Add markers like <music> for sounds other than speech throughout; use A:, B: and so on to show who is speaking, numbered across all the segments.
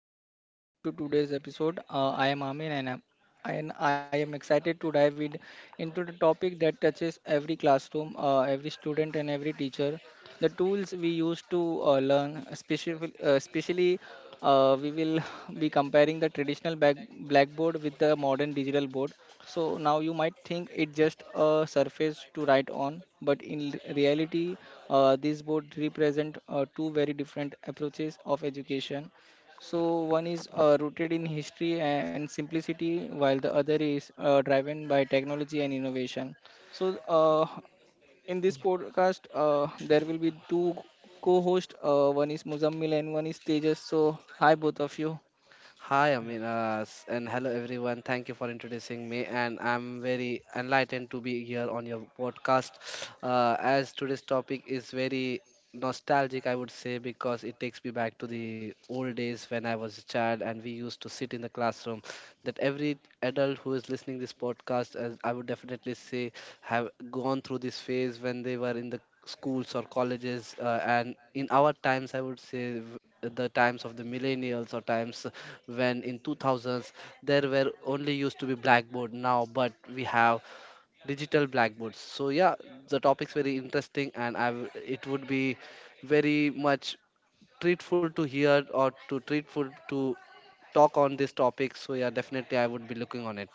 A: Hello everyone and welcome to today's episode. I am Amin and I am excited to into the topic that touches every classroom, every student and every teacher. The tools we use to learn, especially, we will <laughs> be comparing the blackboard with the modern digital board. So now you might think it's just a surface to write on, but reality, this board represent two very different approaches of education. So one is rooted in history and simplicity, while the other is driven by technology and innovation. So uh, in this podcast, there will be two co-hosts. One is Muzammil and one is Tejas. So hi, both of you.
B: Hi, Aminas, and hello everyone. Thank you for introducing me, and I'm very enlightened to be here on your podcast. As today's topic is very nostalgic, I would say, because it takes me back to the old days when I was a child and we used to sit in the classroom. That every adult who is listening this podcast, as I would definitely say, have gone through this phase when they were in the schools or colleges and in our times, I would say, the times of the millennials, or times when in 2000s there were only used to be blackboard, now but we have digital blackboards. So yeah, the topic's very interesting and it would be very much treatful to hear, or to treatful to talk on this topic. So yeah, definitely I would be looking on it.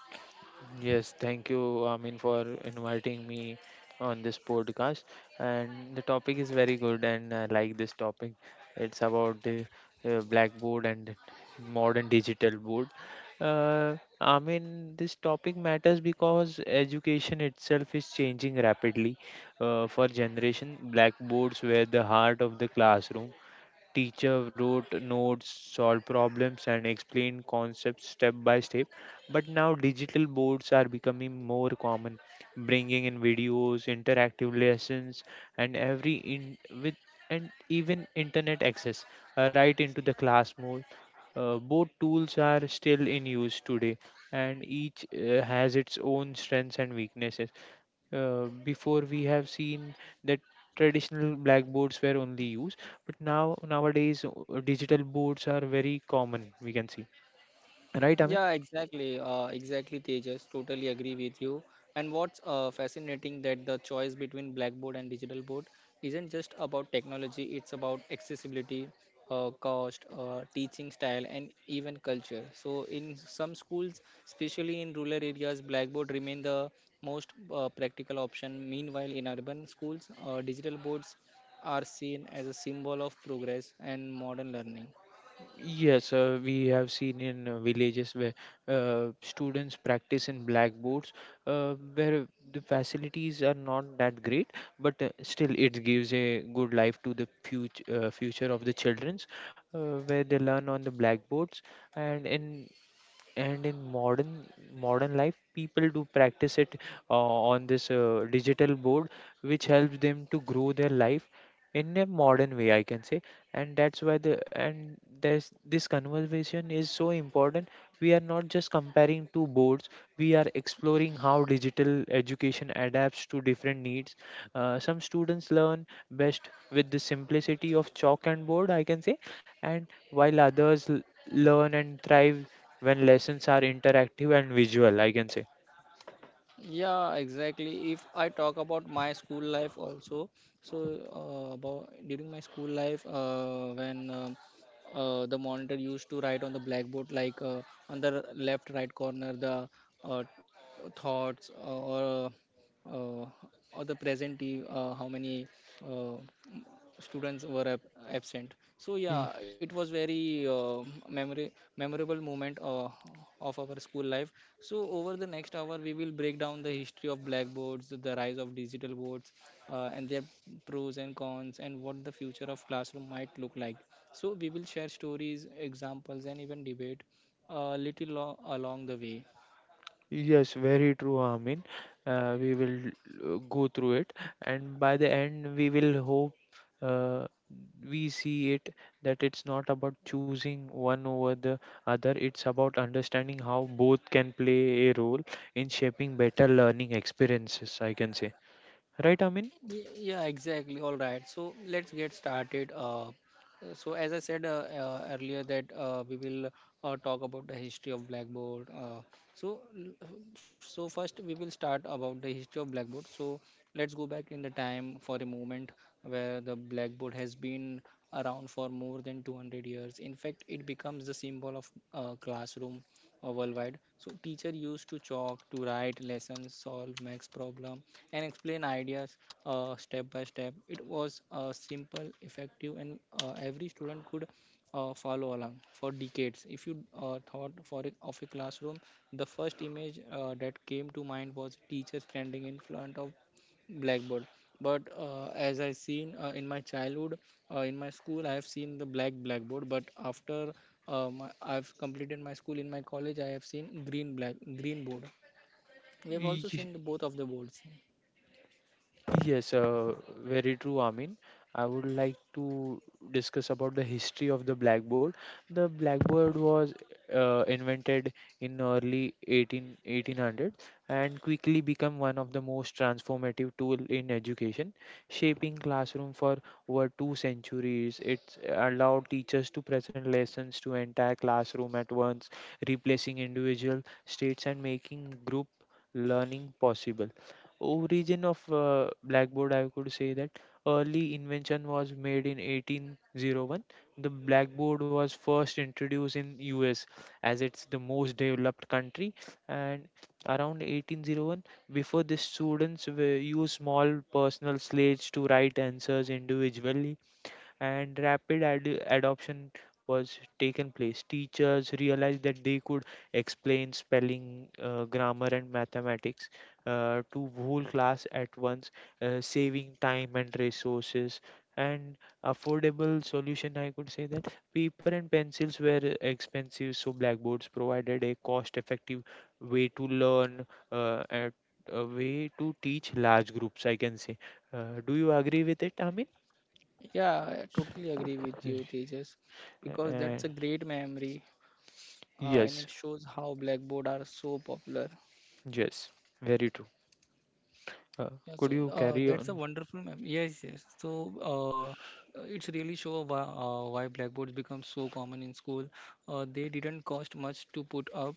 C: Yes, thank you, I mean for inviting me on this podcast. And the topic is very good, and I like this topic. It's about the blackboard and modern digital board. I mean this topic matters because education itself is changing rapidly. For generation, blackboards were the heart of the classroom. Teacher wrote notes, solved problems, and explained concepts step by step. But now digital boards are becoming more common, bringing in videos, interactive lessons, and every in with and even internet access right into the class mode. Both tools are still in use today, and each has its own strengths and weaknesses. Before we have seen that traditional blackboards were only used, but now nowadays digital boards are very common, we can see, right? I mean,
A: Yeah, exactly. Exactly, Tejas. Totally agree with you. And what's fascinating that the choice between blackboard and digital board isn't just about technology, it's about accessibility, cost, teaching style, and even culture. So, in some schools, especially in rural areas, blackboard remain the most practical option. Meanwhile, in urban schools, digital boards are seen as a symbol of progress and modern learning.
C: yes, we have seen in villages where students practice in blackboards, where the facilities are not that great, but still it gives a good life to the future, future of the childrens, where they learn on the blackboards. And in and in modern modern life people do practice it on this digital board, which helps them to grow their life in a modern way, I can say. And there's this conversation is so important. We are not just comparing two boards, we are exploring how digital education adapts to different needs. Some students learn best with the simplicity of chalk and board, I can say, and while others learn and thrive when lessons are interactive and visual, I can say.
A: Yeah, exactly. If I talk about my school life also, so about during my school life, when the monitor used to write on the blackboard, like on the left right corner, the uh, thoughts uh, uh, or the how many. Uh, Students were absent. So yeah, it was very memory memorable moment of our school life. So over the next hour we will break down the history of blackboards, the rise of digital boards, and their pros and cons, and what the future of classroom might look like. So we will share stories, examples, and even debate a little along the way.
C: Yes, very true, Amin. We will go through it, and by the end, we will hope uh, we see it that it's not about choosing one over the other, it's about understanding how both can play a role in shaping better learning experiences, I can say. Right, Amin?
A: Yeah, exactly. All right. So let's get started. So as I said earlier that we will talk about the history of Blackboard. So l- so first we will start about the history of Blackboard. So let's go back in the time for a moment where the Blackboard has been around for more than 200 years. In fact, it becomes the symbol of classroom worldwide. So teacher used to chalk to write lessons, solve max problem, and explain ideas step by step. It was simple, effective, and every student could follow along for decades. If you thought for a, of a classroom, the first image that came to mind was teacher standing in front of blackboard. But as I seen in my childhood, in my school I have seen the blackboard, but after have completed my school, in my college I have seen green board. We have also
C: Y-
A: seen the both of the boards.
C: Yes, very true, Amin. I would like to discuss about the history of the blackboard. The blackboard was invented in early 18, 1800, and quickly become one of the most transformative tool in education, shaping classroom for over two centuries. It allowed teachers to present lessons to entire classroom at once, replacing individual states and making group learning possible. Origin of blackboard, I could say that early invention was made in 1801. The blackboard was first introduced in US, as it's the most developed country, and around 1801, before this students were use small personal slates to write answers individually, and rapid adoption was taken place. Teachers realized that they could explain spelling, grammar, and mathematics to whole class at once, saving time and resources. And affordable solution, I could say that paper and pencils were expensive, so blackboards provided a cost-effective way to learn, uh, a, a way to teach large groups. I can say. Do you agree with it, Amin?
A: Yeah, I totally agree with you, Tejas, because
C: Uh,
A: that's a great memory, and
C: Yes,
A: it shows how blackboard are so popular.
C: yes, very true. Uh,
A: Yeah,
C: could
A: so
C: you carry
A: that's a
C: on?
A: wonderful mem. Yes, yes. So it's really show why blackboards become so common in school. They didn't cost much to put up,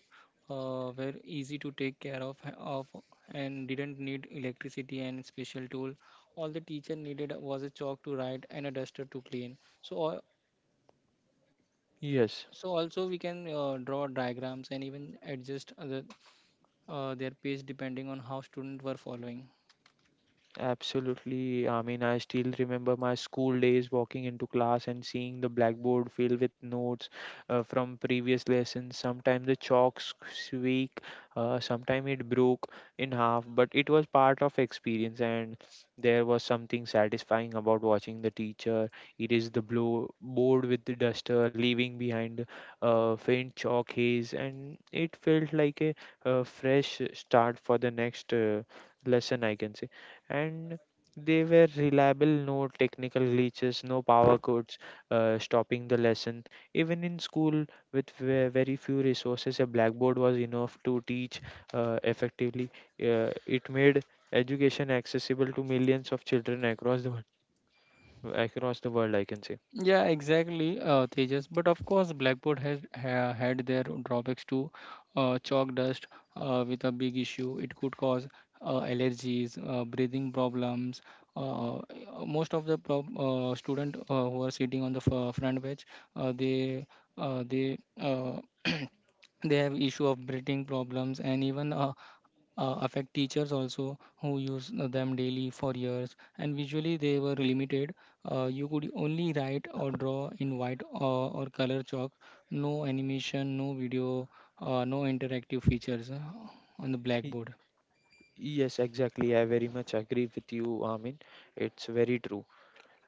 A: were easy to take care of, and didn't need electricity and special tool. All the teacher needed was a chalk to write and a duster to clean. So, uh,
C: Yes.
A: so also we can draw diagrams and even adjust other, their pace depending on how students were following.
C: Absolutely. I mean, I still remember my school days walking into class and seeing the blackboard filled with notes from previous lessons. Sometimes the chalk squeak, sometimes it broke in half, but it was part of experience, and there was something satisfying about watching the teacher erase the blow board with the duster, leaving behind a faint chalk haze, and it felt like a fresh start for the next lesson, I can say. And they were reliable, no technical glitches, no power cuts stopping the lesson. Even in school, with very few resources, a blackboard was enough to teach effectively. It made education accessible to millions of children across the world. Across the world, I can say.
A: Yeah, exactly, Tejas. But of course, Blackboard has ha had their drawbacks too. Chalk dust with a big issue. It could cause allergies, breathing problems. Uh, uh, Most of the prob student who are sitting on the f front bench, uh, they they uh, <clears throat> they have issue of breathing problems, and even affect teachers also who use them daily for years. And visually they were limited. You could only write or draw in white or color chalk. No animation, no video, no interactive features on the
C: Y-
A: blackboard.
C: Yes, exactly. I very much agree with you, Amin. It's very true.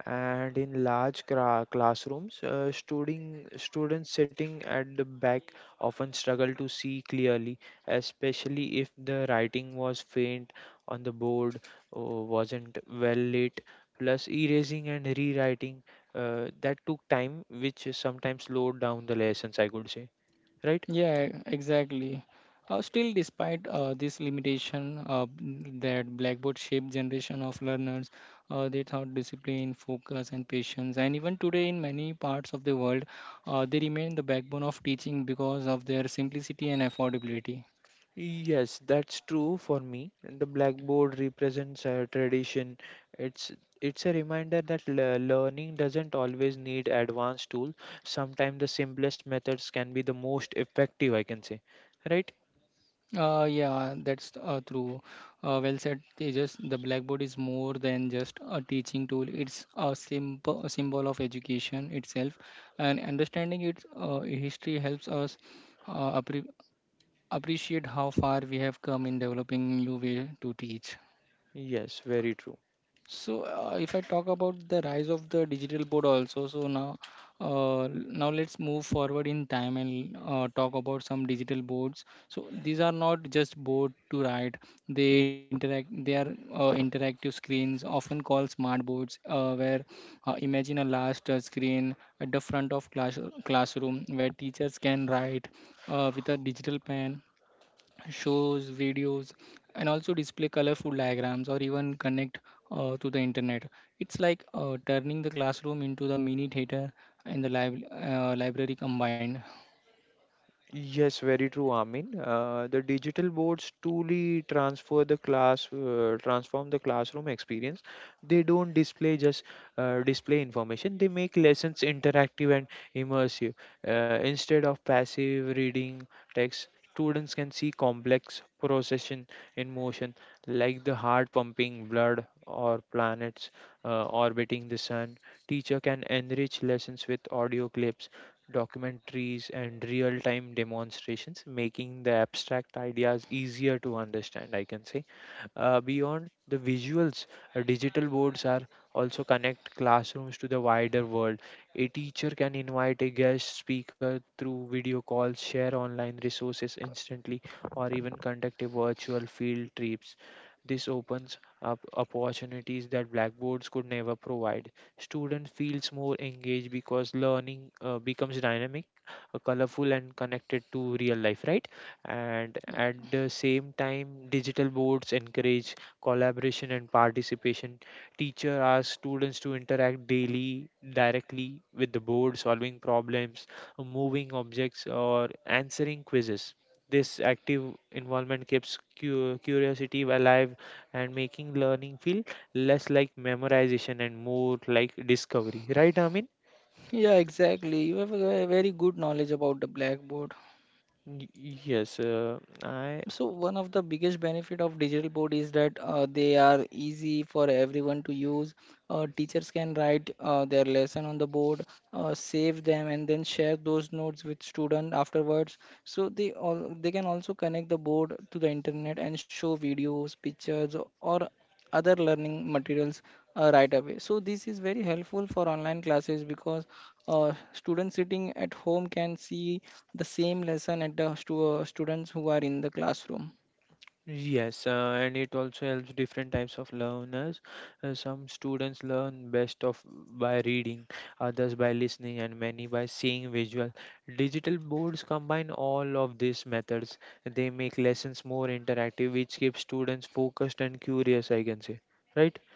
C: And in large classrooms, students sitting at the back often struggle to see clearly, especially if the writing was faint on the board or wasn't well lit. Plus, erasing and rewriting, that took time, which sometimes slowed down the lessons, I could say, right?
A: Yeah, exactly. Still, despite this limitation, that Blackboard shaped generation of learners, they thought discipline, focus, and patience. And even today, in many parts of the world, they remain the backbone of teaching because of their simplicity and affordability.
C: Yes, that's true for me. The blackboard represents a tradition. It's it's a reminder that learning doesn't always need advanced tools. Sometimes the simplest methods can be the most effective, I can say. Right?
A: Yeah, that's true. Well said, Tejas. The blackboard is more than just a teaching tool. It's a symbol of education itself, and understanding its history helps us uh, appre appreciate how far we have come in developing new way to teach.
C: Yes, very true.
A: So if I talk about the rise of the digital board also, so now now let's move forward in time and talk about some digital boards. So these are not just board to write; they interact. They are interactive screens, often called smart boards, where imagine a large touch screen at the front of classroom where teachers can write with a digital pen, shows, videos, and also display colorful diagrams or even connect to the internet. It's like turning the classroom into the mini theater and the library combined.
C: Yes, very true, Amin. The digital boards truly transfer the class, transform the classroom experience. They don't display just display information. They make lessons interactive and immersive. Instead of passive reading text, students can see complex procession in motion, like the heart pumping blood or planets orbiting the sun. Teacher can enrich lessons with audio clips, documentaries, and real time demonstrations, making the abstract ideas easier to understand, I can say. Beyond the visuals, digital boards are also connect classrooms to the wider world. A teacher can invite a guest speaker through video calls, share online resources instantly, or even conduct a virtual field trips. This opens up opportunities that blackboards could never provide. Student feels more engaged because learning becomes dynamic, colorful, and connected to real life, right? And at the same time digital boards encourage collaboration and participation. Teacher asks students to interact daily directly with the board, solving problems, moving objects or answering quizzes. This active involvement keeps curiosity alive and making learning feel less like memorization and more like discovery, right, Amin?
A: Yeah, exactly. You have a very good knowledge about the blackboard.
C: Y- yes I
A: So one of the biggest benefit of digital board is that they are easy for everyone to use. Teachers can write their lesson on the board, save them, and then share those notes with student afterwards. So they can also connect the board to the internet and show videos, pictures, or other learning materials right away. So this is very helpful for online classes because students sitting at home can see the same lesson at the students who are in the classroom.
C: Yes, and it also helps different types of learners. Some students learn best of by reading, others by listening, and many by seeing visual. Digital boards combine all of these methods. They make lessons more interactive, which keeps students focused and curious, I can say. Right?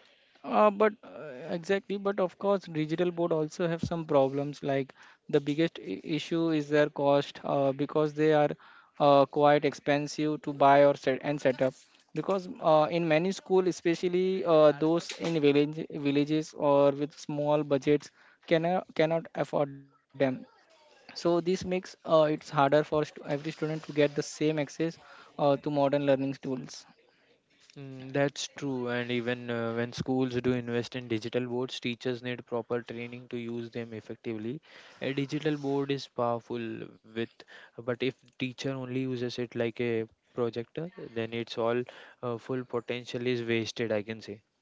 A: But exactly, but of course, digital board also have some problems. Like the biggest issue is their cost, because they are quite expensive to buy or set up. Because in many school, especially those in villages or with small budgets, cannot afford them. So this makes it's harder for stu every student to get the same access to modern learning tools.
C: Mm, that's true, and even when schools do invest in digital boards, teachers need proper training to use them effectively. A digital board is powerful with, but if teacher only uses it like a projector, then it's all full potential is wasted, I can say.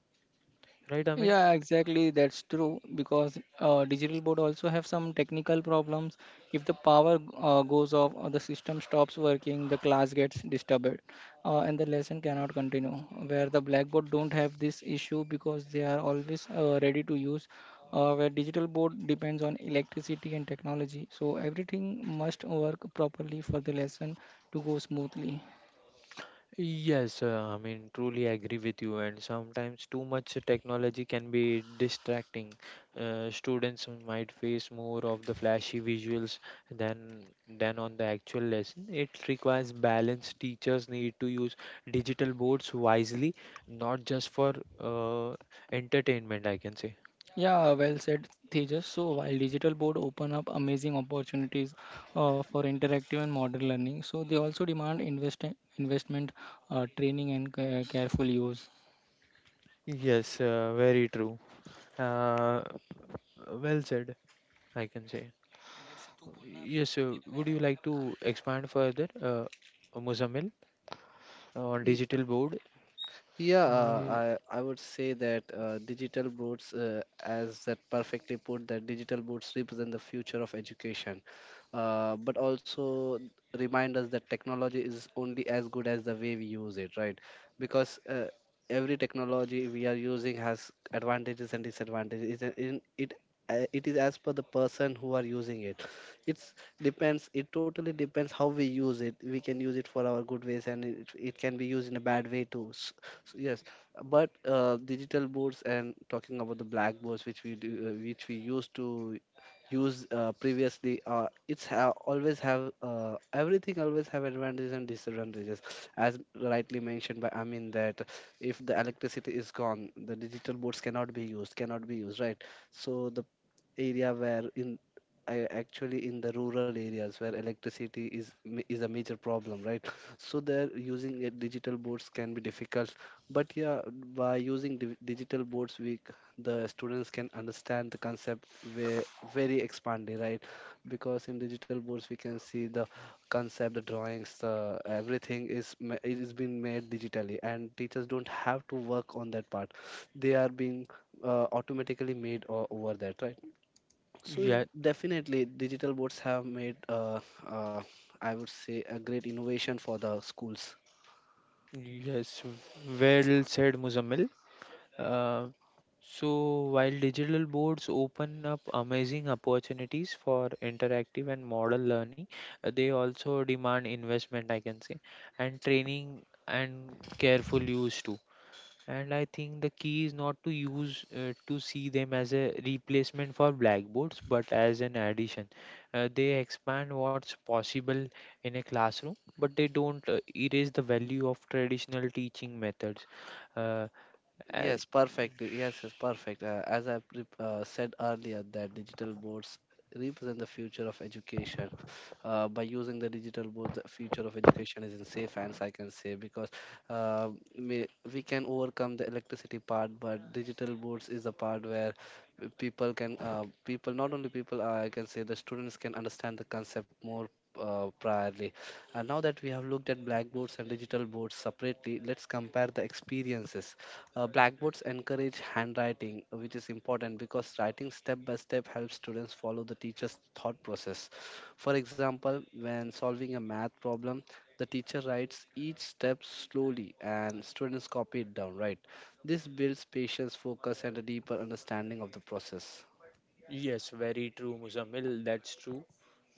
C: Right, Amin?
A: Yeah, exactly. That's true because digital board also have some technical problems. If the power goes off or the system stops working, the class gets disturbed, and the lesson cannot continue. Where the blackboard don't have this issue because they are always ready to use. Where digital board depends on electricity and technology, so everything must work properly for the lesson to go smoothly.
C: Yes, I mean, truly agree with you. And sometimes too much technology can be distracting. Students might face more of the flashy visuals than on the actual lesson. It requires balance. Teachers need to use digital boards wisely, not just for uh, entertainment, I can say.
A: Yeah, well said, Tejas. So while digital board open up amazing opportunities for interactive and modern learning, so they also demand investment, training, and careful use.
C: Yes, very true. Uh, well said, I can say. Yes, would you like to expand further, Muzammil? On digital board.
B: Yeah,
C: Uh,
B: I would say that digital boards, as that perfectly put, that digital boards represent the future of education, but also remind us that technology is only as good as the way we use it, right? Because every technology we are using has advantages and disadvantages. It in it it is as per the person who are using it. It's depends. It totally depends how we use it. We can use it for our good ways, and it can be used in a bad way too. So yes, but digital boards and talking about the blackboards, which we do, which we used to use previously, always have, everything always have advantages and disadvantages, as rightly mentioned by Amin that if the electricity is gone, the digital boards cannot be used, cannot be used, right? So the area where in I actually in the rural areas where electricity is is a major problem, right? So there using a digital boards can be difficult. But yeah, by using digital boards, the students can understand the concept very, very expanded, right? Because in digital boards, we can see the concept, the drawings, the everything it is being made digitally, and teachers don't have to work on that part. They are being automatically made over that, right? So
C: yeah,
B: definitely, digital boards have made, uh, I would say, a great innovation for the schools.
C: yes, well said, Muzammil. Uh, so while digital boards open up amazing opportunities for interactive and model learning, they also demand investment, I can say, and training and careful use too. And I think the key is not to use to see them as a replacement for blackboards, but as an addition. They expand what's possible in a classroom, but they don't erase the value of traditional teaching methods. Uh, uh,
B: Yes, perfect. Yes, yes, perfect. As I said earlier, that digital boards represent the future of education. By using the digital board, the future of education is in safe hands, I can say, because uh, we, we can overcome the electricity part, but digital boards is the part where people, not only people, I can say the students can understand the concept more. Priorly. And now that we have looked at blackboards and digital boards separately, let's compare the experiences. Blackboards encourage handwriting, which is important because writing step by step helps students follow the teacher's thought process. For example, when solving a math problem, the teacher writes each step slowly and students copy it down, right? This builds patience, focus, and a deeper understanding of the process.
C: Yes, very true, Muzammil. That's true.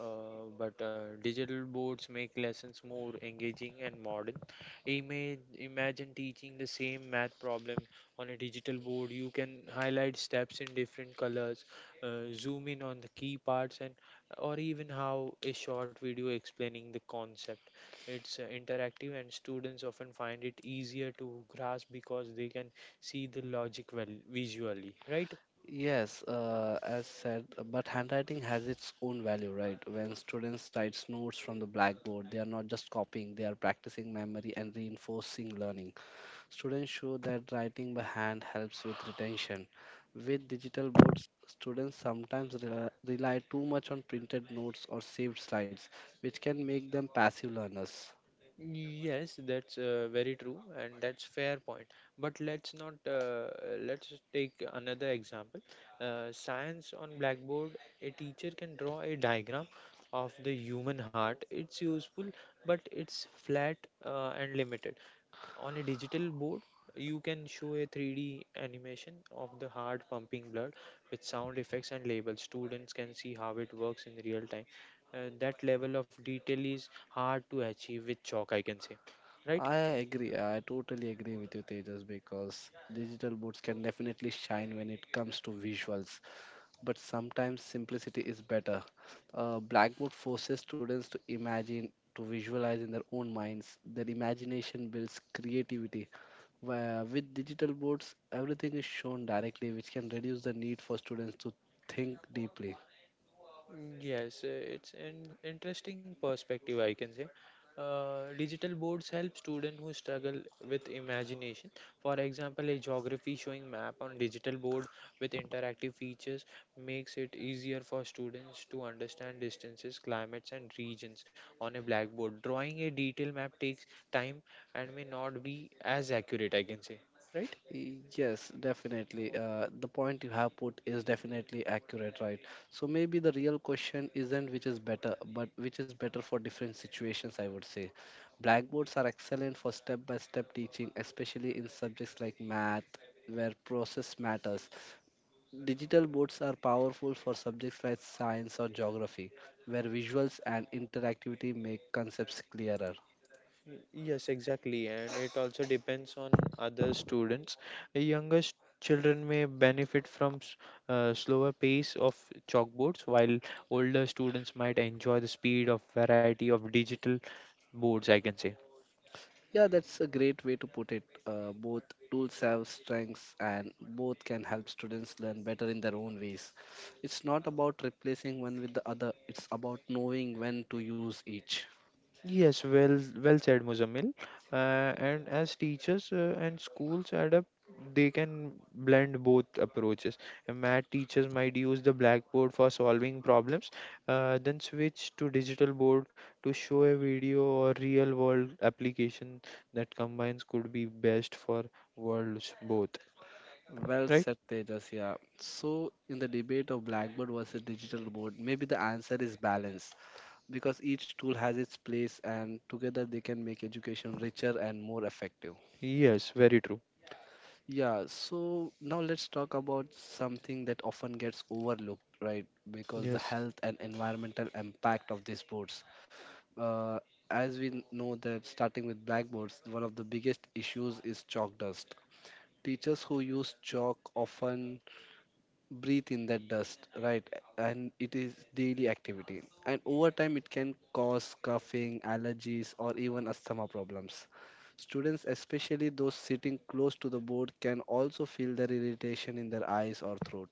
C: But digital boards make lessons more engaging and modern. Imagine teaching the same math problem on a digital board. You can highlight steps in different colors, zoom in on the key parts, and or even how a short video explaining the concept. It's interactive, and students often find it easier to grasp because they can see the logic well visually, right?
B: Yes, as said, but handwriting has its own value, right? When students write notes from the blackboard, they are not just copying, they are practicing memory and reinforcing learning. Students show that writing by hand helps with retention. With digital boards, students sometimes rely too much on printed notes or saved slides, which can make them passive learners.
C: Yes, that's very true, and that's fair point. But let's not let's take another example. Science on blackboard, a teacher can draw a diagram of the human heart. It's useful, but it's flat and limited. On a digital board you can show a 3D animation of the heart pumping blood with sound effects and labels. Students can see how it works in real time, that level of detail is hard to achieve with chalk, I can say, right?
B: I agree, I totally agree with you, Tejas, because digital boards can definitely shine when it comes to visuals. But sometimes simplicity is better. Blackboard forces students to imagine, to visualize in their own minds. Their imagination builds creativity. Where with digital boards, everything is shown directly, which can reduce the need for students to think deeply.
C: Mm, yes, it's an interesting perspective, I can say. Digital boards help students who struggle with imagination. For example, a geography showing map on digital board with interactive features makes it easier for students to understand distances, climates, and regions. On a blackboard, drawing a detailed map takes time and may not be as accurate, I can say, right?
B: Yes, definitely. The point you have put is definitely accurate, right? So maybe the real question isn't which is better, but which is better for different situations, I would say. Blackboards are excellent for step by step teaching, especially in subjects like math, where process matters. Digital boards are powerful for subjects like science or geography, where visuals and interactivity make concepts clearer.
C: Yes, exactly, and it also depends on other students. Younger children may benefit from slower pace of chalkboards, while older students might enjoy the speed of variety of digital boards, I can say.
B: Yeah, that's a great way to put it. Both tools have strengths and both can help students learn better in their own ways. It's not about replacing one with the other, it's about knowing when to use each.
C: Yes, well said, Muzammil. Uh, and as teachers and schools adapt, they can blend both approaches. Math teachers might use the blackboard for solving problems, then switch to digital board to show a video or real world application that combines could be best for worlds both.
B: Well
C: Right?
B: said, Tejas. Yeah. So, in the debate of Blackboard versus digital board, maybe the answer is balance, because each tool has its place and together they can make education richer and more effective.
C: Yes, very true.
B: Yeah, so now let's talk about something that often gets overlooked, right? Because the
C: Yes.
B: health and environmental impact of these boards. Uh, as we know that starting with blackboards, one of the biggest issues is chalk dust. Teachers who use chalk often breathe in that dust, right? And it is daily activity. And over time, it can cause coughing, allergies, or even asthma problems. Students, especially those sitting close to the board, can also feel their irritation in their eyes or throat.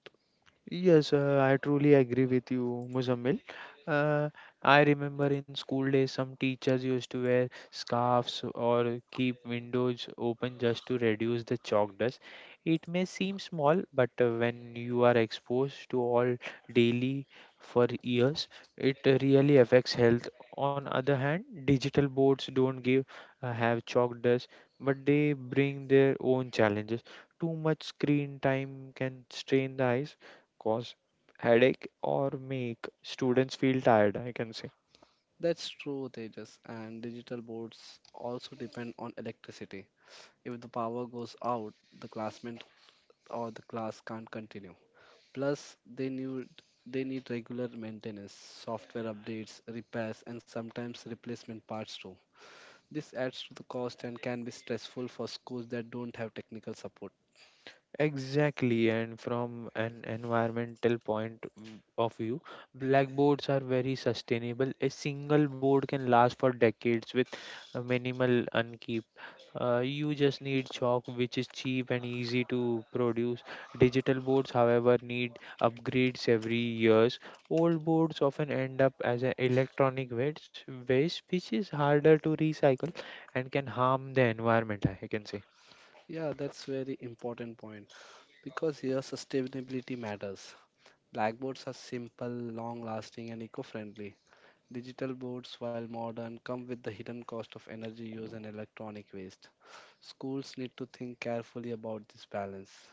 C: Yes, I truly agree with you, Muzammil. Uh, I remember in school days, some teachers used to wear scarves or keep windows open just to reduce the chalk dust. It may seem small, but when you are exposed to all daily for years, it really affects health. On other hand, digital boards don't give have chalk dust, but they bring their own challenges. Too much screen time can strain the eyes, cause headache, or make students feel tired, I can say.
B: That's true, Tejas. And digital boards also depend on electricity. If the power goes out, the classroom or the class can't continue. Plus, they need regular maintenance, software updates, repairs, and sometimes replacement parts too. This adds to the cost and can be stressful for schools that don't have technical support.
C: Exactly, and from an environmental point of view, blackboards are very sustainable. A single board can last for decades with minimal upkeep. You just need chalk, which is cheap and easy to produce. Digital boards, however, need upgrades every years. Old boards often end up as an electronic waste, which is harder to recycle and can harm the environment, I can say.
B: Yeah, that's very important point, because here sustainability matters. Blackboards are simple, long lasting, and eco friendly. Digital boards, while modern, come with the hidden cost of energy use and electronic waste. Schools need to think carefully about this balance.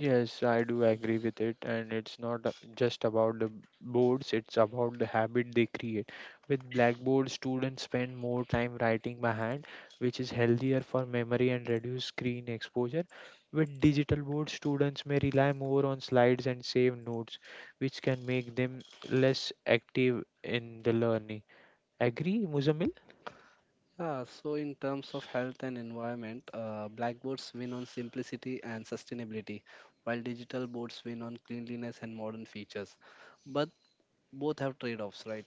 C: Yes, I do agree with it, and it's not just about the boards, it's about the habit they create. With blackboard, students spend more time writing by hand, which is healthier for memory and reduce screen exposure. With digital boards, students may rely more on slides and save notes, which can make them less active in the learning. Agree, Muzamil?
B: Yeah, so in terms of health and environment, blackboards win on simplicity and sustainability, while digital boards win on cleanliness and modern features. But both have trade offs, right?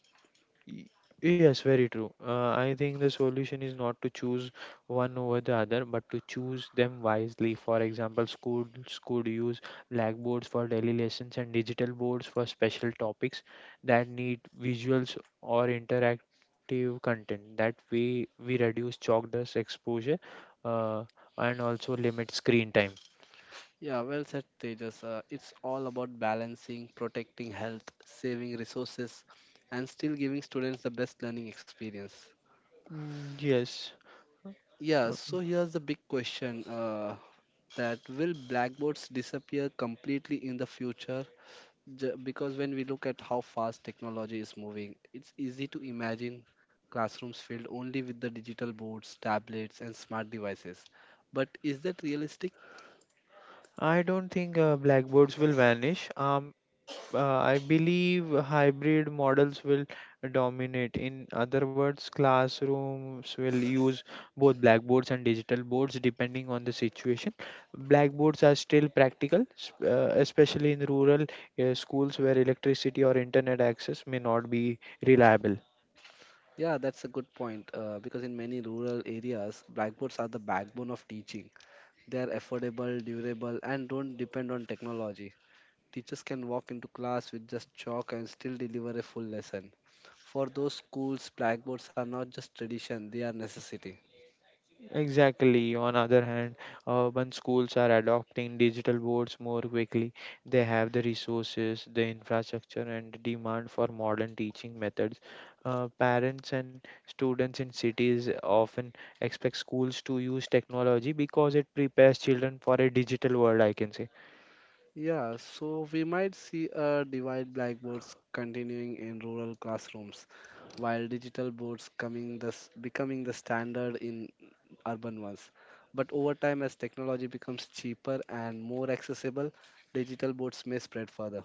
C: Y- Yes, very true. I think the solution is not to choose one over the other, but to choose them wisely. For example, schools could use blackboards for daily lessons and digital boards for special topics that need visuals or interactive content. That way, we reduce chalk dust exposure uh, and also limit screen time.
B: Yeah, well said, Tejas. It's all about balancing, protecting health, saving resources, and still giving students the best learning experience.
C: Mm, yes.
B: Yeah,
C: Uh,
B: so here's the big question, that will blackboards disappear completely in the future? Because when we look at how fast technology is moving, it's easy to imagine classrooms filled only with the digital boards, tablets, and smart devices. But is that realistic?
C: I don't think blackboards will vanish. I believe hybrid models will dominate. In other words, classrooms will use both blackboards and digital boards depending on the situation. Blackboards are still practical, especially in rural schools where electricity or internet access may not be reliable.
B: Yeah, that's a good point, because in many rural areas, blackboards are the backbone of teaching. They are affordable, durable, and don't depend on technology. Teachers can walk into class with just chalk and still deliver a full lesson. For those schools, blackboards are not just tradition, they are necessity.
C: Exactly. On other hand, urban schools are adopting digital boards more quickly. They have the resources, the infrastructure, and the demand for modern teaching methods. Parents and students in cities often expect schools to use technology because it prepares children for a digital world, I can say.
B: Yeah, so we might see a divide, blackboards continuing in rural classrooms, while digital boards becoming the standard in urban ones. But over time, as technology becomes cheaper and more accessible, digital boards may spread further.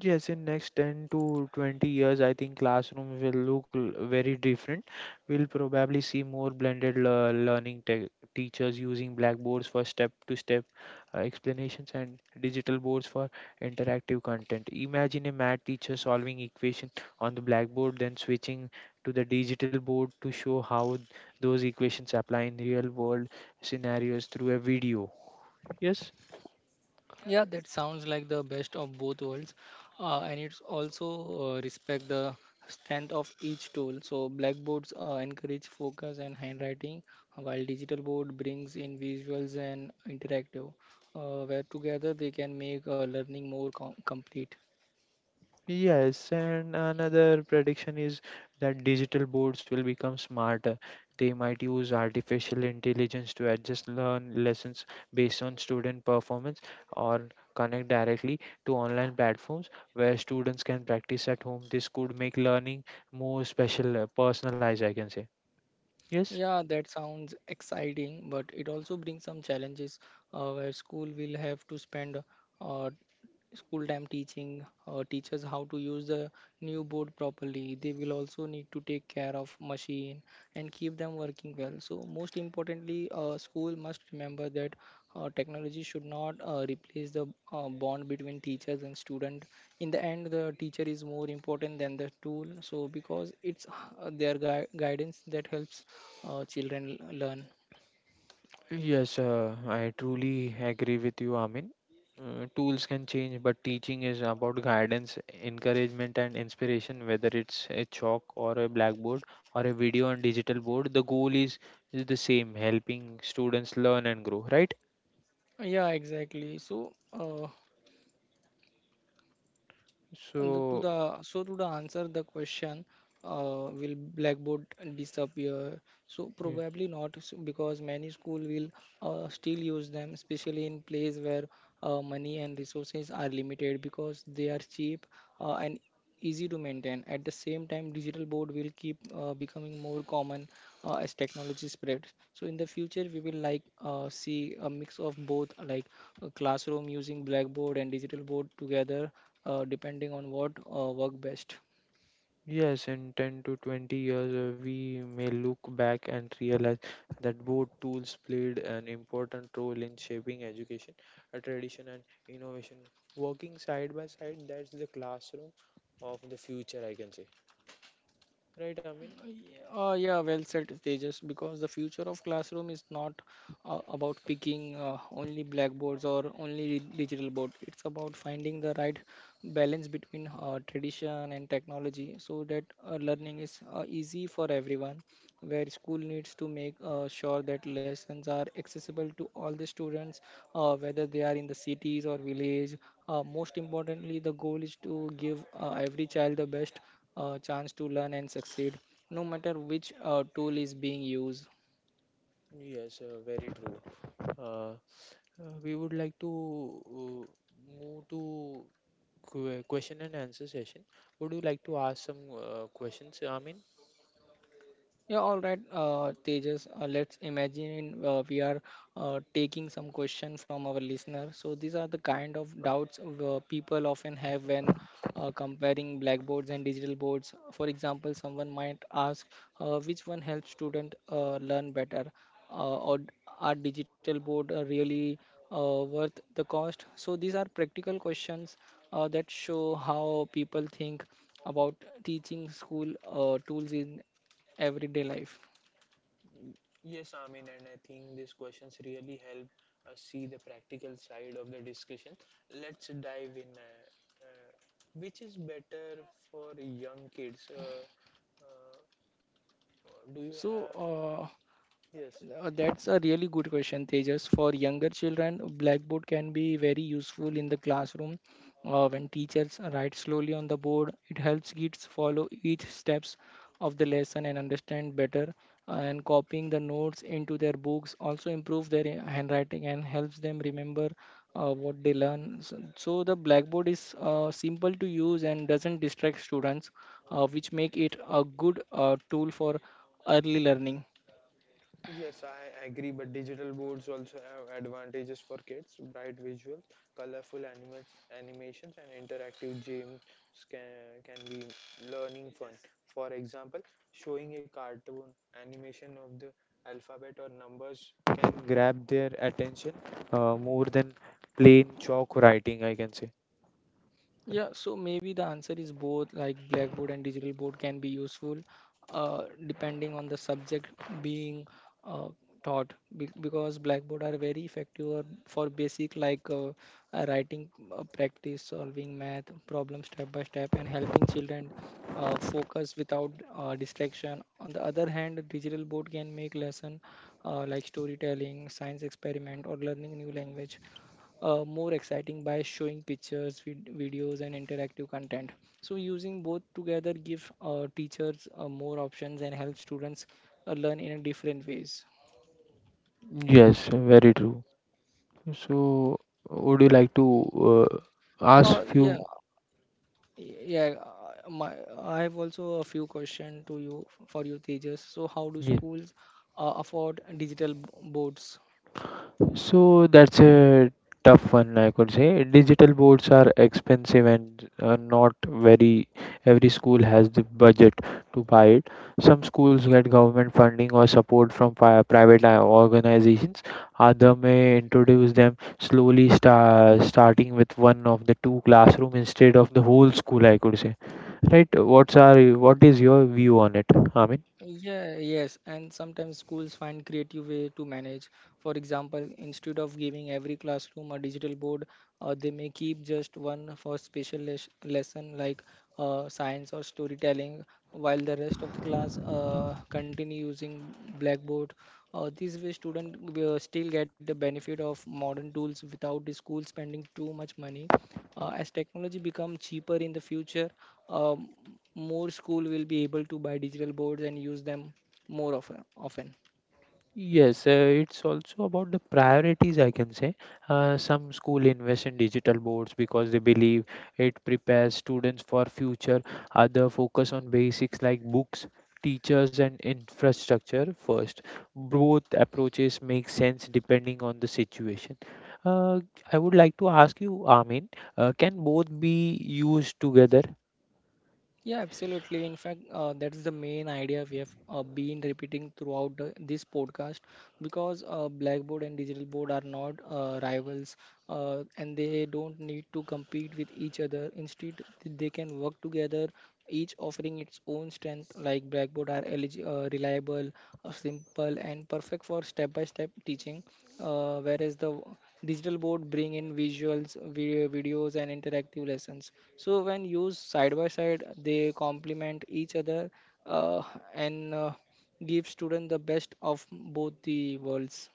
C: Yes, in next 10 to 20 years, I think classroom will very different. We'll probably see more blended lear- learning te teachers using blackboards for step-to-step explanations and digital boards for interactive content. Imagine a math teacher solving equation on the blackboard, then switching to the digital board to show how those equations apply in real-world scenarios through a video. Yes.
A: Yeah, that sounds like the best of both worlds, and it's also respect the strength of each tool. So blackboards encourage focus and handwriting, while digital board brings in visuals and interactive, where together they can make learning more complete.
C: Yes, and another prediction is that digital boards will become smarter. They might use artificial intelligence to adjust learn lessons based on student performance or connect directly to online platforms where students can practice at home. This could make learning more personalized, I can say. Yes.
A: Yeah, that sounds exciting, but it also brings some challenges where school will have to spend uh, school time teaching teachers how to use the new board properly. They will also need to take care of machine and keep them working well. So most importantly, school must remember that technology should not replace the bond between teachers and student. In the end the teacher is more important than the tool, so because it's their guidance that helps children learn.
C: Yes, I truly agree with you, Amin. Tools can change, but teaching is about guidance, encouragement, and inspiration. Whether it's a chalk or a blackboard, or a video and digital board, the goal is the same: helping students learn and grow. Right?
A: Yeah, exactly. so uh, And the- to
C: So,
A: the so to the answer the question, will blackboard disappear? So probably not because many school will still use them, especially in place where money and resources are limited, because they are cheap and easy to maintain. At the same time, digital board will keep becoming more common as technology spreads. So in the future, we will like see a mix of both, like a classroom using blackboard and digital board together, depending on what work best.
C: yes, in 10 to 20 years, we may look back and realize that both tools played an important role in shaping education, a tradition, and innovation. Working side by side, that's the classroom of the future, I can say. Right, Amin?
A: Yeah, well said, Tejas, because the future of classroom is not about picking only blackboards or only digital board. It's about finding the right balance between tradition and technology so that learning is easy for everyone. Where school needs to make sure that lessons are accessible to all the students, whether they are in the cities or village. Most importantly the goal is to give every child the best chance to learn and succeed, no matter which tool is being used.
C: Yes, very true. Uh, we would like to move to question and answer session. Would you like to ask some questions, Amin?
A: Yeah, all right, Tejas. Let's imagine we are taking some question from our listener. So these are the kind of doubts people often have when comparing blackboards and digital boards. For example, someone might ask, which one helps student learn better, uh, or d- are digital board really worth the cost? So these are practical questions that show how people think about teaching school tools in everyday life.
C: Yes, Amin, and I think these questions really help us see the practical side of the discussion. Let's dive in. Uh, which is better for young kids? Uh, do you
A: so
C: have?
A: uh,
C: Yes.
A: That's a really good question, Tejas. For younger children, blackboard can be very useful in the classroom. When teachers write slowly on the board, it helps kids follow each steps of the lesson and understand better. And copying the notes into their books also improves their handwriting and helps them remember what they learn. So the blackboard is simple to use and doesn't distract students, which make it a good tool for early learning.
C: Yes, I agree, but digital boards also have advantages for kids. Bright visuals, colorful animations, and interactive games can, can be learning fun. For example, showing a cartoon animation of the alphabet or numbers can grab their attention more than plain chalk writing, I can say.
A: Yeah, so maybe the answer is both, like blackboard and digital board can be useful depending on the subject being uh, taught. Because blackboard are very effective for basic like writing practice, solving math problem step by step, and helping children focus without distraction. On the other hand, digital board can make lesson like storytelling, science experiment, or learning new language more exciting by showing pictures, videos, and interactive content. So, using both together gives teachers more options and helps students learn in a different ways.
C: Yes, very true. So, would you like to ask
A: Uh, yeah,
C: few?
A: yeah. My, I have also a few questions to you for you, Tejas. So, how do
C: Yeah.
A: schools afford digital boards?
C: So that's a tough one, I could say. Digital boards are expensive and not very, every school has the budget to buy it. Some schools get government funding or support from private organizations. Other may introduce them slowly, starting with one of the two classroom instead of the whole school, I could say. Right? What is your view on it, Amit?
A: Yeah, yes, and sometimes schools find creative way to manage. For example, instead of giving every classroom a digital board, they may keep just one for special lesson like science or storytelling, while the rest of the class continue using Blackboard. This way, students will still get the benefit of modern tools without the school spending too much money. As technology become cheaper in the future, um, more school will be able to buy digital boards and use them more often.
C: Yes, it's also about the priorities, I can say. Some school invest in digital boards because they believe it prepares students for future. Other focus on basics like books, teachers, and infrastructure first. Both approaches make sense depending on the situation. Uh, I would like to ask you, Amin, can both be used together?
A: Yeah, absolutely. In fact, that is the main idea we have been repeating throughout this podcast because Blackboard and digital board are not rivals, and they don't need to compete with each other. Instead, they can work together, each offering its own strengths like Blackboard are reliable, simple, and perfect for step-by-step teaching, uh, whereas the w- digital board bring in visuals, videos, and interactive lessons. So when used side by side, they complement each other uh, and give students the best of both the worlds.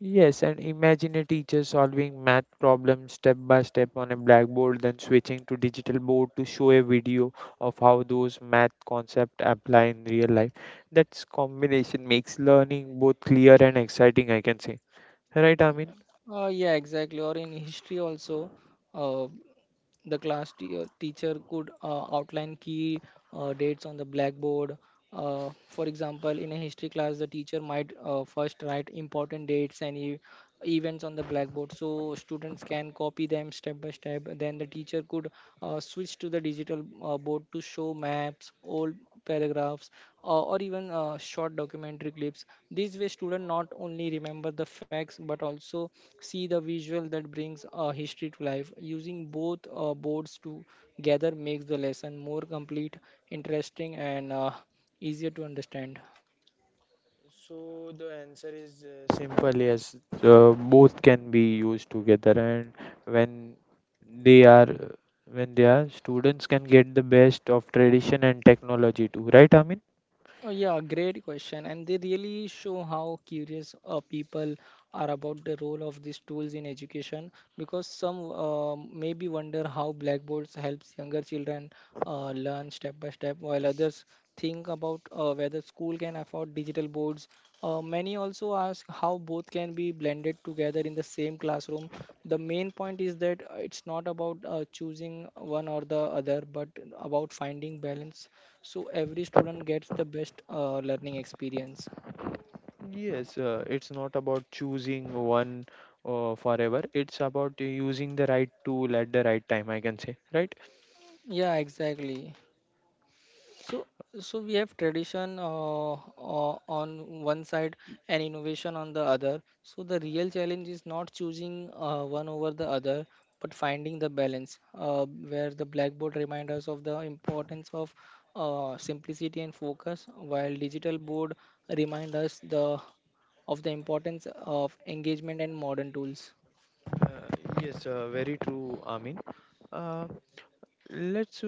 C: Yes, and imagine a teacher solving math problems step by step on a blackboard, then switching to digital board to show a video of how those math concepts apply in real life. That combination makes learning both clear and exciting, I can say. Right, Amin?
A: Yeah, exactly. Or in history also, uh, The teacher could outline key dates on the blackboard. For example, in a history class, the teacher might first write important dates and events on the blackboard so students can copy them step by step. Then the teacher could switch to the digital board to show maps, old paragraphs or even short documentary clips. This way students not only remember the facts but also see the visual that brings history to life. Using both boards together makes the lesson more complete, interesting, and easier to understand.
C: Simple, yes. Both can be used together, and when they are when they are students can get the best of tradition and technology too. Right, Amin?
A: Oh, yeah, great question. And they really show how curious people are about the role of these tools in education, because some maybe wonder how blackboards helps younger children learn step by step, while others think about whether school can afford digital boards. Many also ask how both can be blended together in the same classroom. The main point is that it's not about choosing one or the other, but about finding balance so every student gets the best learning experience.
C: Yes, it's not about choosing one forever. It's about using the right tool at the right time, I can say, right?
A: Yeah, exactly. So so we have tradition on one side and innovation on the other. So the real challenge is not choosing one over the other but finding the balance where the blackboard reminds us of the importance of simplicity and focus, while digital board remind us the of the importance of engagement and modern tools.
C: Uh, yes, very true, Amin. Uh, let's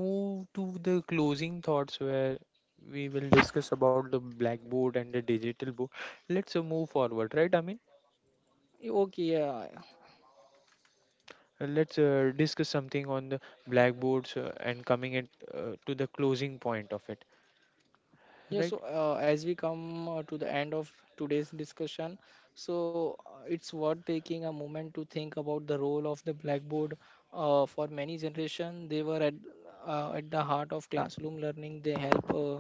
C: move to the closing thoughts where we will discuss about the blackboard and the digital board. Let's move forward, right, Amin?
A: Okay, yeah, yeah.
C: Let's discuss something on the blackboards and coming it to the closing point of it,
A: Yeah,
C: right?
A: so as we come to the end of today's discussion, it's worth taking a moment to think about the role of the blackboard. For many generations, they were at the heart of classroom learning. They help uh,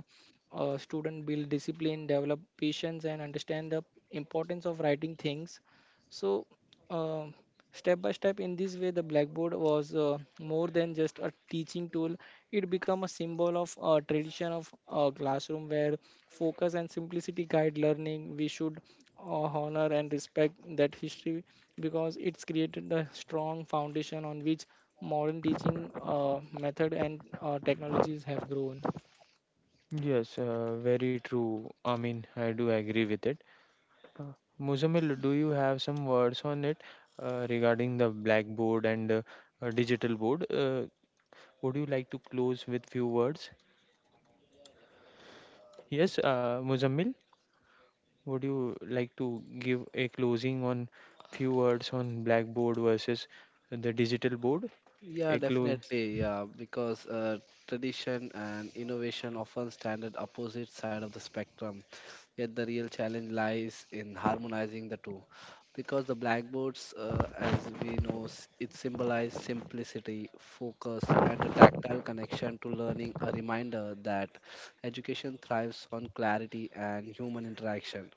A: uh, student build discipline, develop patience, and understand the importance of writing things. So um, Step by step, in this way the blackboard was more than just a teaching tool. It became a symbol of a tradition of a classroom where focus and simplicity guide learning. We should honor and respect that history because it's created a strong foundation on which modern teaching method and technologies have grown.
C: Yes, very true. I mean, I do agree with it. Uh, Muzamil, do you have some words on it regarding the blackboard and digital board? Would you like to close with few words? Yes, Muzamil, would you like to give a closing on few words on blackboard versus the digital board? A
B: Yeah,
C: close.
B: definitely. Yeah, because tradition and innovation often stand at opposite side of the spectrum. Yet the real challenge lies in harmonizing the two, because the blackboards, as we know, it symbolizes simplicity, focus, and a tactile connection to learning. A reminder that education thrives on clarity and human interaction.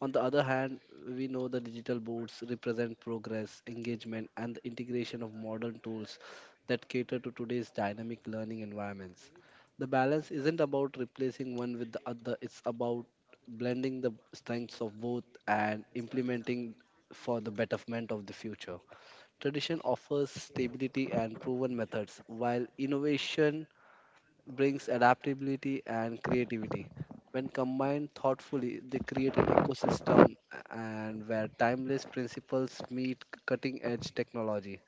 B: On the other hand, we know the digital boards represent progress, engagement, and the integration of modern tools that cater to today's dynamic learning environments. The balance isn't about replacing one with the other, it's about blending the strengths of both and implementing for the betterment of the future. Tradition offers stability and proven methods, while innovation brings adaptability and creativity. When combined thoughtfully, they create an ecosystem and where timeless principles meet cutting edge technology,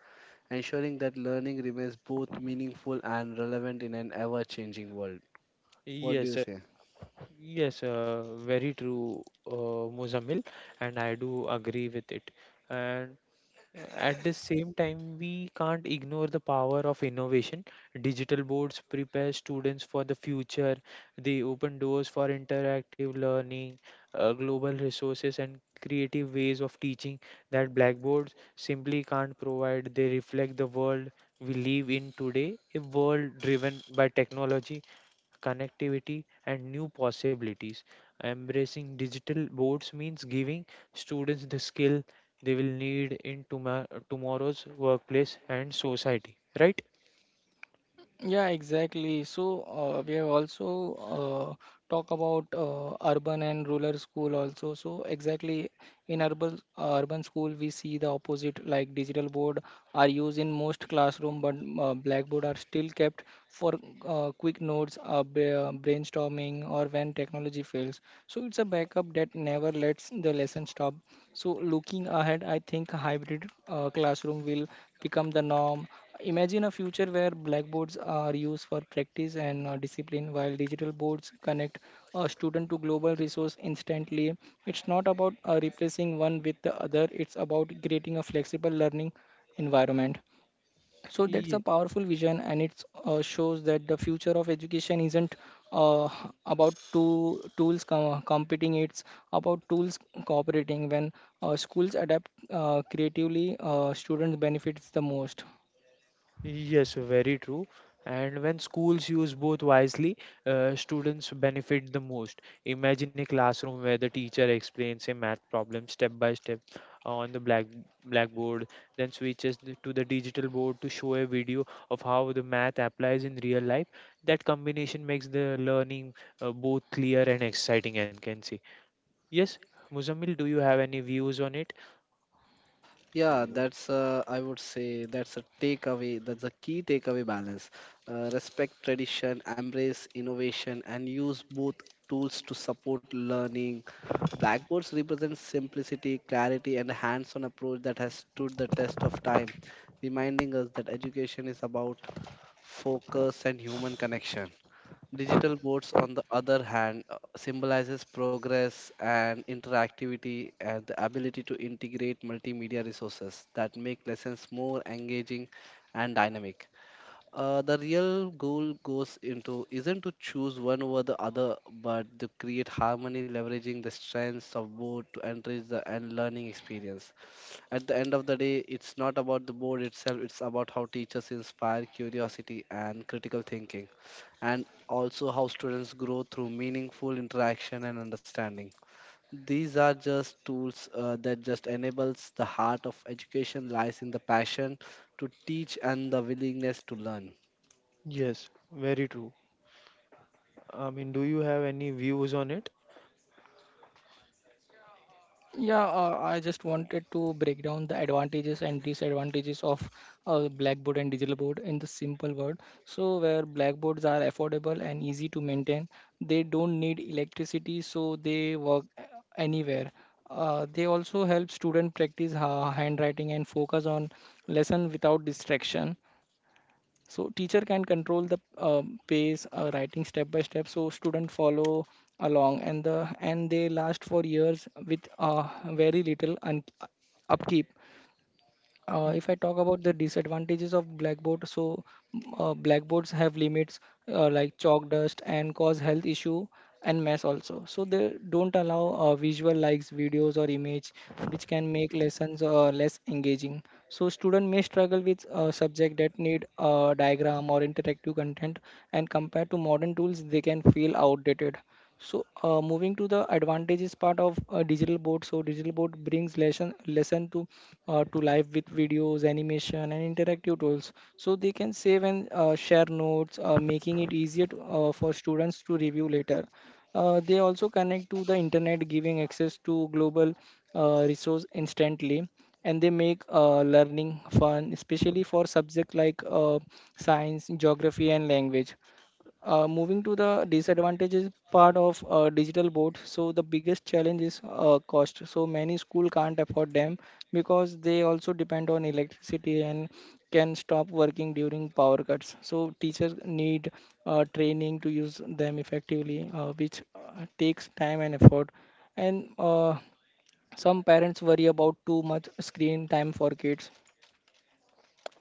B: ensuring that learning remains both meaningful and relevant in an ever-changing world. What do
C: Yes,
B: you say?
C: yes, very true, Muzamil, and I do agree with it. And at the same time, we can't ignore the power of innovation. Digital boards prepare students for the future. They open doors for interactive learning, global resources, and creative ways of teaching that blackboards simply can't provide. They reflect the world we live in today, a world driven by technology, connectivity, and new possibilities. Embracing digital boards means giving students the skill they will need in tomorrow's workplace and society, right?
A: Yeah, exactly. So we have also talk about urban and rural school also. So exactly in urban school we see the opposite, like digital board are used in most classroom, but blackboard are still kept for quick notes, brainstorming, or when technology fails. So it's a backup that never lets the lesson stop. So looking ahead, I think hybrid classroom will become the norm. Imagine a future where blackboards are used for practice and discipline, while digital boards connect a student to global resource instantly. It's not about replacing one with the other. It's about creating a flexible learning environment. So that's a powerful vision, and it shows that the future of education isn't uh, about two tools competing; it's about tools cooperating. When schools adapt creatively, students benefits the most.
C: Yes, very true. And when schools use both wisely, students benefit the most. Imagine a classroom where the teacher explains a math problem step by step on the blackboard, then switches to the digital board to show a video of how the math applies in real life. That combination makes the learning both clear and exciting, and can see. Yes, Muzammil, do you have any views on it?
B: Yeah, that's, I would say, that's a takeaway. That's a key takeaway balance. Respect tradition, embrace innovation, and use both tools to support learning. Blackboards represent simplicity, clarity, and a hands-on approach that has stood the test of time, reminding us that education is about focus and human connection. Digital boards, on the other hand, symbolizes progress and interactivity and the ability to integrate multimedia resources that make lessons more engaging and dynamic. The real goal goes into isn't to choose one over the other, but to create harmony, leveraging the strengths of both to enrich the and learning experience. At the end of the day, it's not about the board itself, it's about how teachers inspire curiosity and critical thinking, and also how students grow through meaningful interaction and understanding. These are just tools, that just enables the heart of education lies in the passion to teach and the willingness to learn.
C: Yes, very true. I mean, do you have any views on it?
A: Yeah, I just wanted to break down the advantages and disadvantages of Blackboard and digital board in the simple word. So, where blackboards are affordable and easy to maintain, they don't need electricity, so they work anywhere. They also help student practice ha handwriting and focus on lesson without distraction, so teacher can control the pace, writing step by step so student follow along, and they last for years with very little upkeep. If I talk about the disadvantages of blackboard, so blackboards have limits like chalk dust and cause health issue and mess also. So they don't allow visual likes, videos or image, which can make lessons less engaging. So student may struggle with subject that need diagram or interactive content, and compared to modern tools, they can feel outdated. So moving to the advantages part of digital board. So digital board brings lesson to life with videos, animation, and interactive tools. So they can save and share notes, making it easier to, for students to review later. They also connect to the internet, giving access to global resource instantly, and they make learning fun, especially for subjects like science, geography, and language. Moving to the disadvantages part of digital board, so the biggest challenge is cost. So many school can't afford them because they also depend on electricity and can stop working during power cuts. So teachers need training to use them effectively, which takes time and effort. And Some parents worry about too much screen time for kids.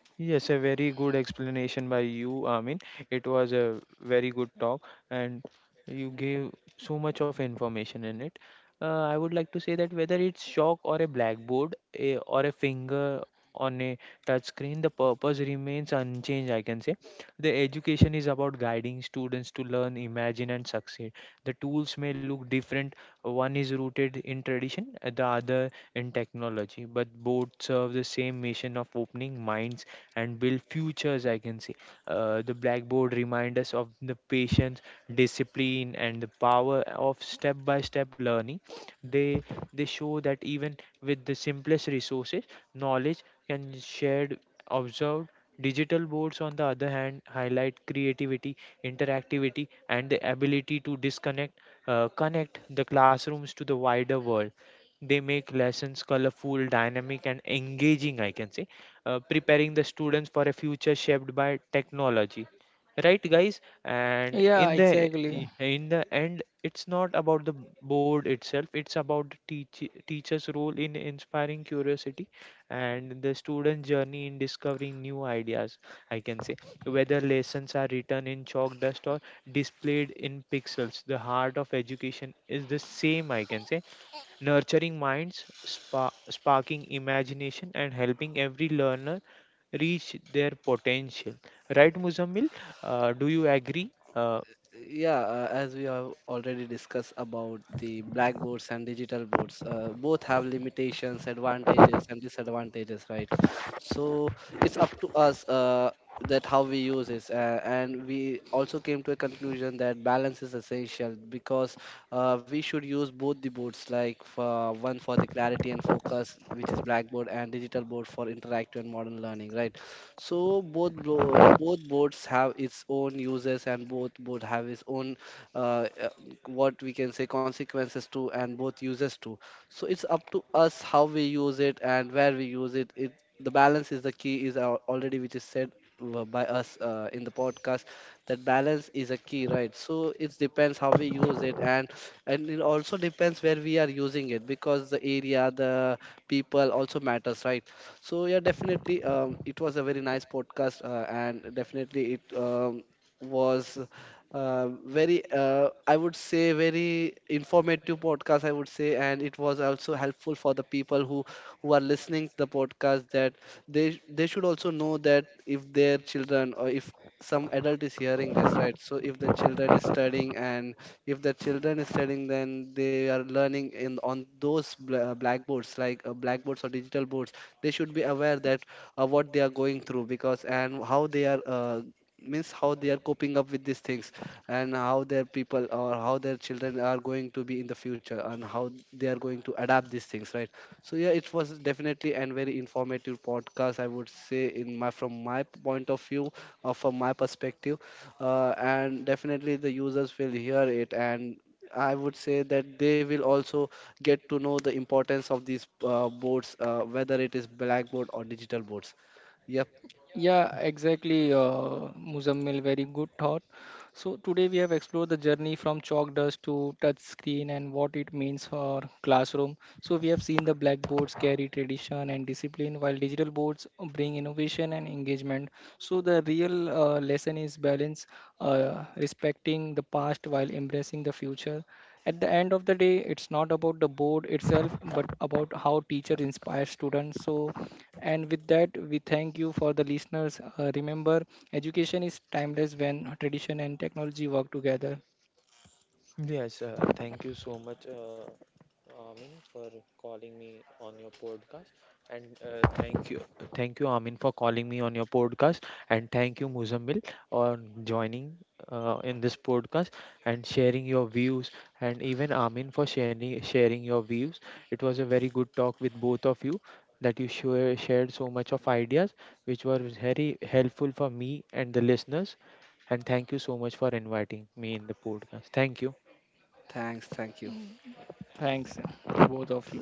C: Yes, a very good explanation by you, Amin. It was a very good talk, and you gave so much of information in it. I would like to say that whether it's chalk or a blackboard a, or a finger on a touch screen, the purpose remains unchanged, I can say. The education is about guiding students to learn, imagine, and succeed. The tools may look different, one is rooted in tradition, the other in technology, but both serve the same mission of opening minds and build futures, I can say. The blackboard reminds us of the patience, discipline, and the power of step by step learning. They, they show that even with the simplest resources, knowledge can shared observed. Digital boards, on the other hand, highlight creativity, interactivity, and the ability to connect the classrooms to the wider world. They make lessons colorful, dynamic, and engaging, I can say, preparing the students for a future shaped by technology, right guys? And in
A: Yeah,
C: the,
A: exactly.
C: in the end it's not about the board itself, it's about the teacher's role in inspiring curiosity and the student journey in discovering new ideas, I can say. Whether lessons are written in chalk dust or displayed in pixels, the heart of education is the same, I can say: nurturing minds, sparking imagination, and helping every learner reach their potential, right, Muzammil? Do you agree?
B: Yeah, as we have already discussed about the blackboards and digital boards, both have limitations, advantages, and disadvantages, right? So it's up to us, that how we use this. And we also came to a conclusion that balance is essential, because we should use both the boards, like for one for the clarity and focus, which is blackboard, and digital board for interactive and modern learning, right? So both boards have its own uses and both board have its own, uh, uh, what we can say, consequences to and both uses too. So it's up to us how we use it and where we use it. It the balance is the key, is already which is said by us, in the podcast, that balance is a key, right? So it depends how we use it, and it also depends where we are using it, because the area, the people also matters, right? So yeah, definitely, it was a very nice podcast, and definitely it was, very, I would say, very informative podcast. I would say. And it was also helpful for the people who are listening the podcast, that they should also know that if their children or if some adult is hearing this, right? So if the children is studying, and if the children is studying, then they are learning in on those blackboards, like blackboards or digital boards, they should be aware that, what they are going through, because and how they are, means how they are coping up with these things, and how their people or how their children are going to be in the future, and how they are going to adapt these things, right? So yeah, it was definitely and very informative podcast, I would say, in my, from my point of view or from my perspective. And definitely the users will hear it, and I would say that they will also get to know the importance of these boards, whether it is blackboard or digital boards. Yep,
A: Yeah, exactly, Muzammil. Very good thought. So today we have explored the journey from chalk dust to touch screen and what it means for classroom. So we have seen the blackboards carry tradition and discipline, while digital boards bring innovation and engagement. So the real lesson is balance, respecting the past while embracing the future. At the end of the day, it's not about the board itself, but about how teacher inspires students. So and with that, we thank you for the listeners. Remember, education is timeless when tradition and technology work together.
C: Yes, thank you so much, Amin, for calling me on your podcast, and thank you, Amin, for calling me on your podcast, and thank you, Muzammil, on joining in this podcast and sharing your views, and even Amin for sharing your views. It was a very good talk with both of you, that you shared so much of ideas, which were very helpful for me and the listeners. And thank you so much for inviting me in the podcast. Thank you.
B: thanks, thank you.
A: Thanks to both of you.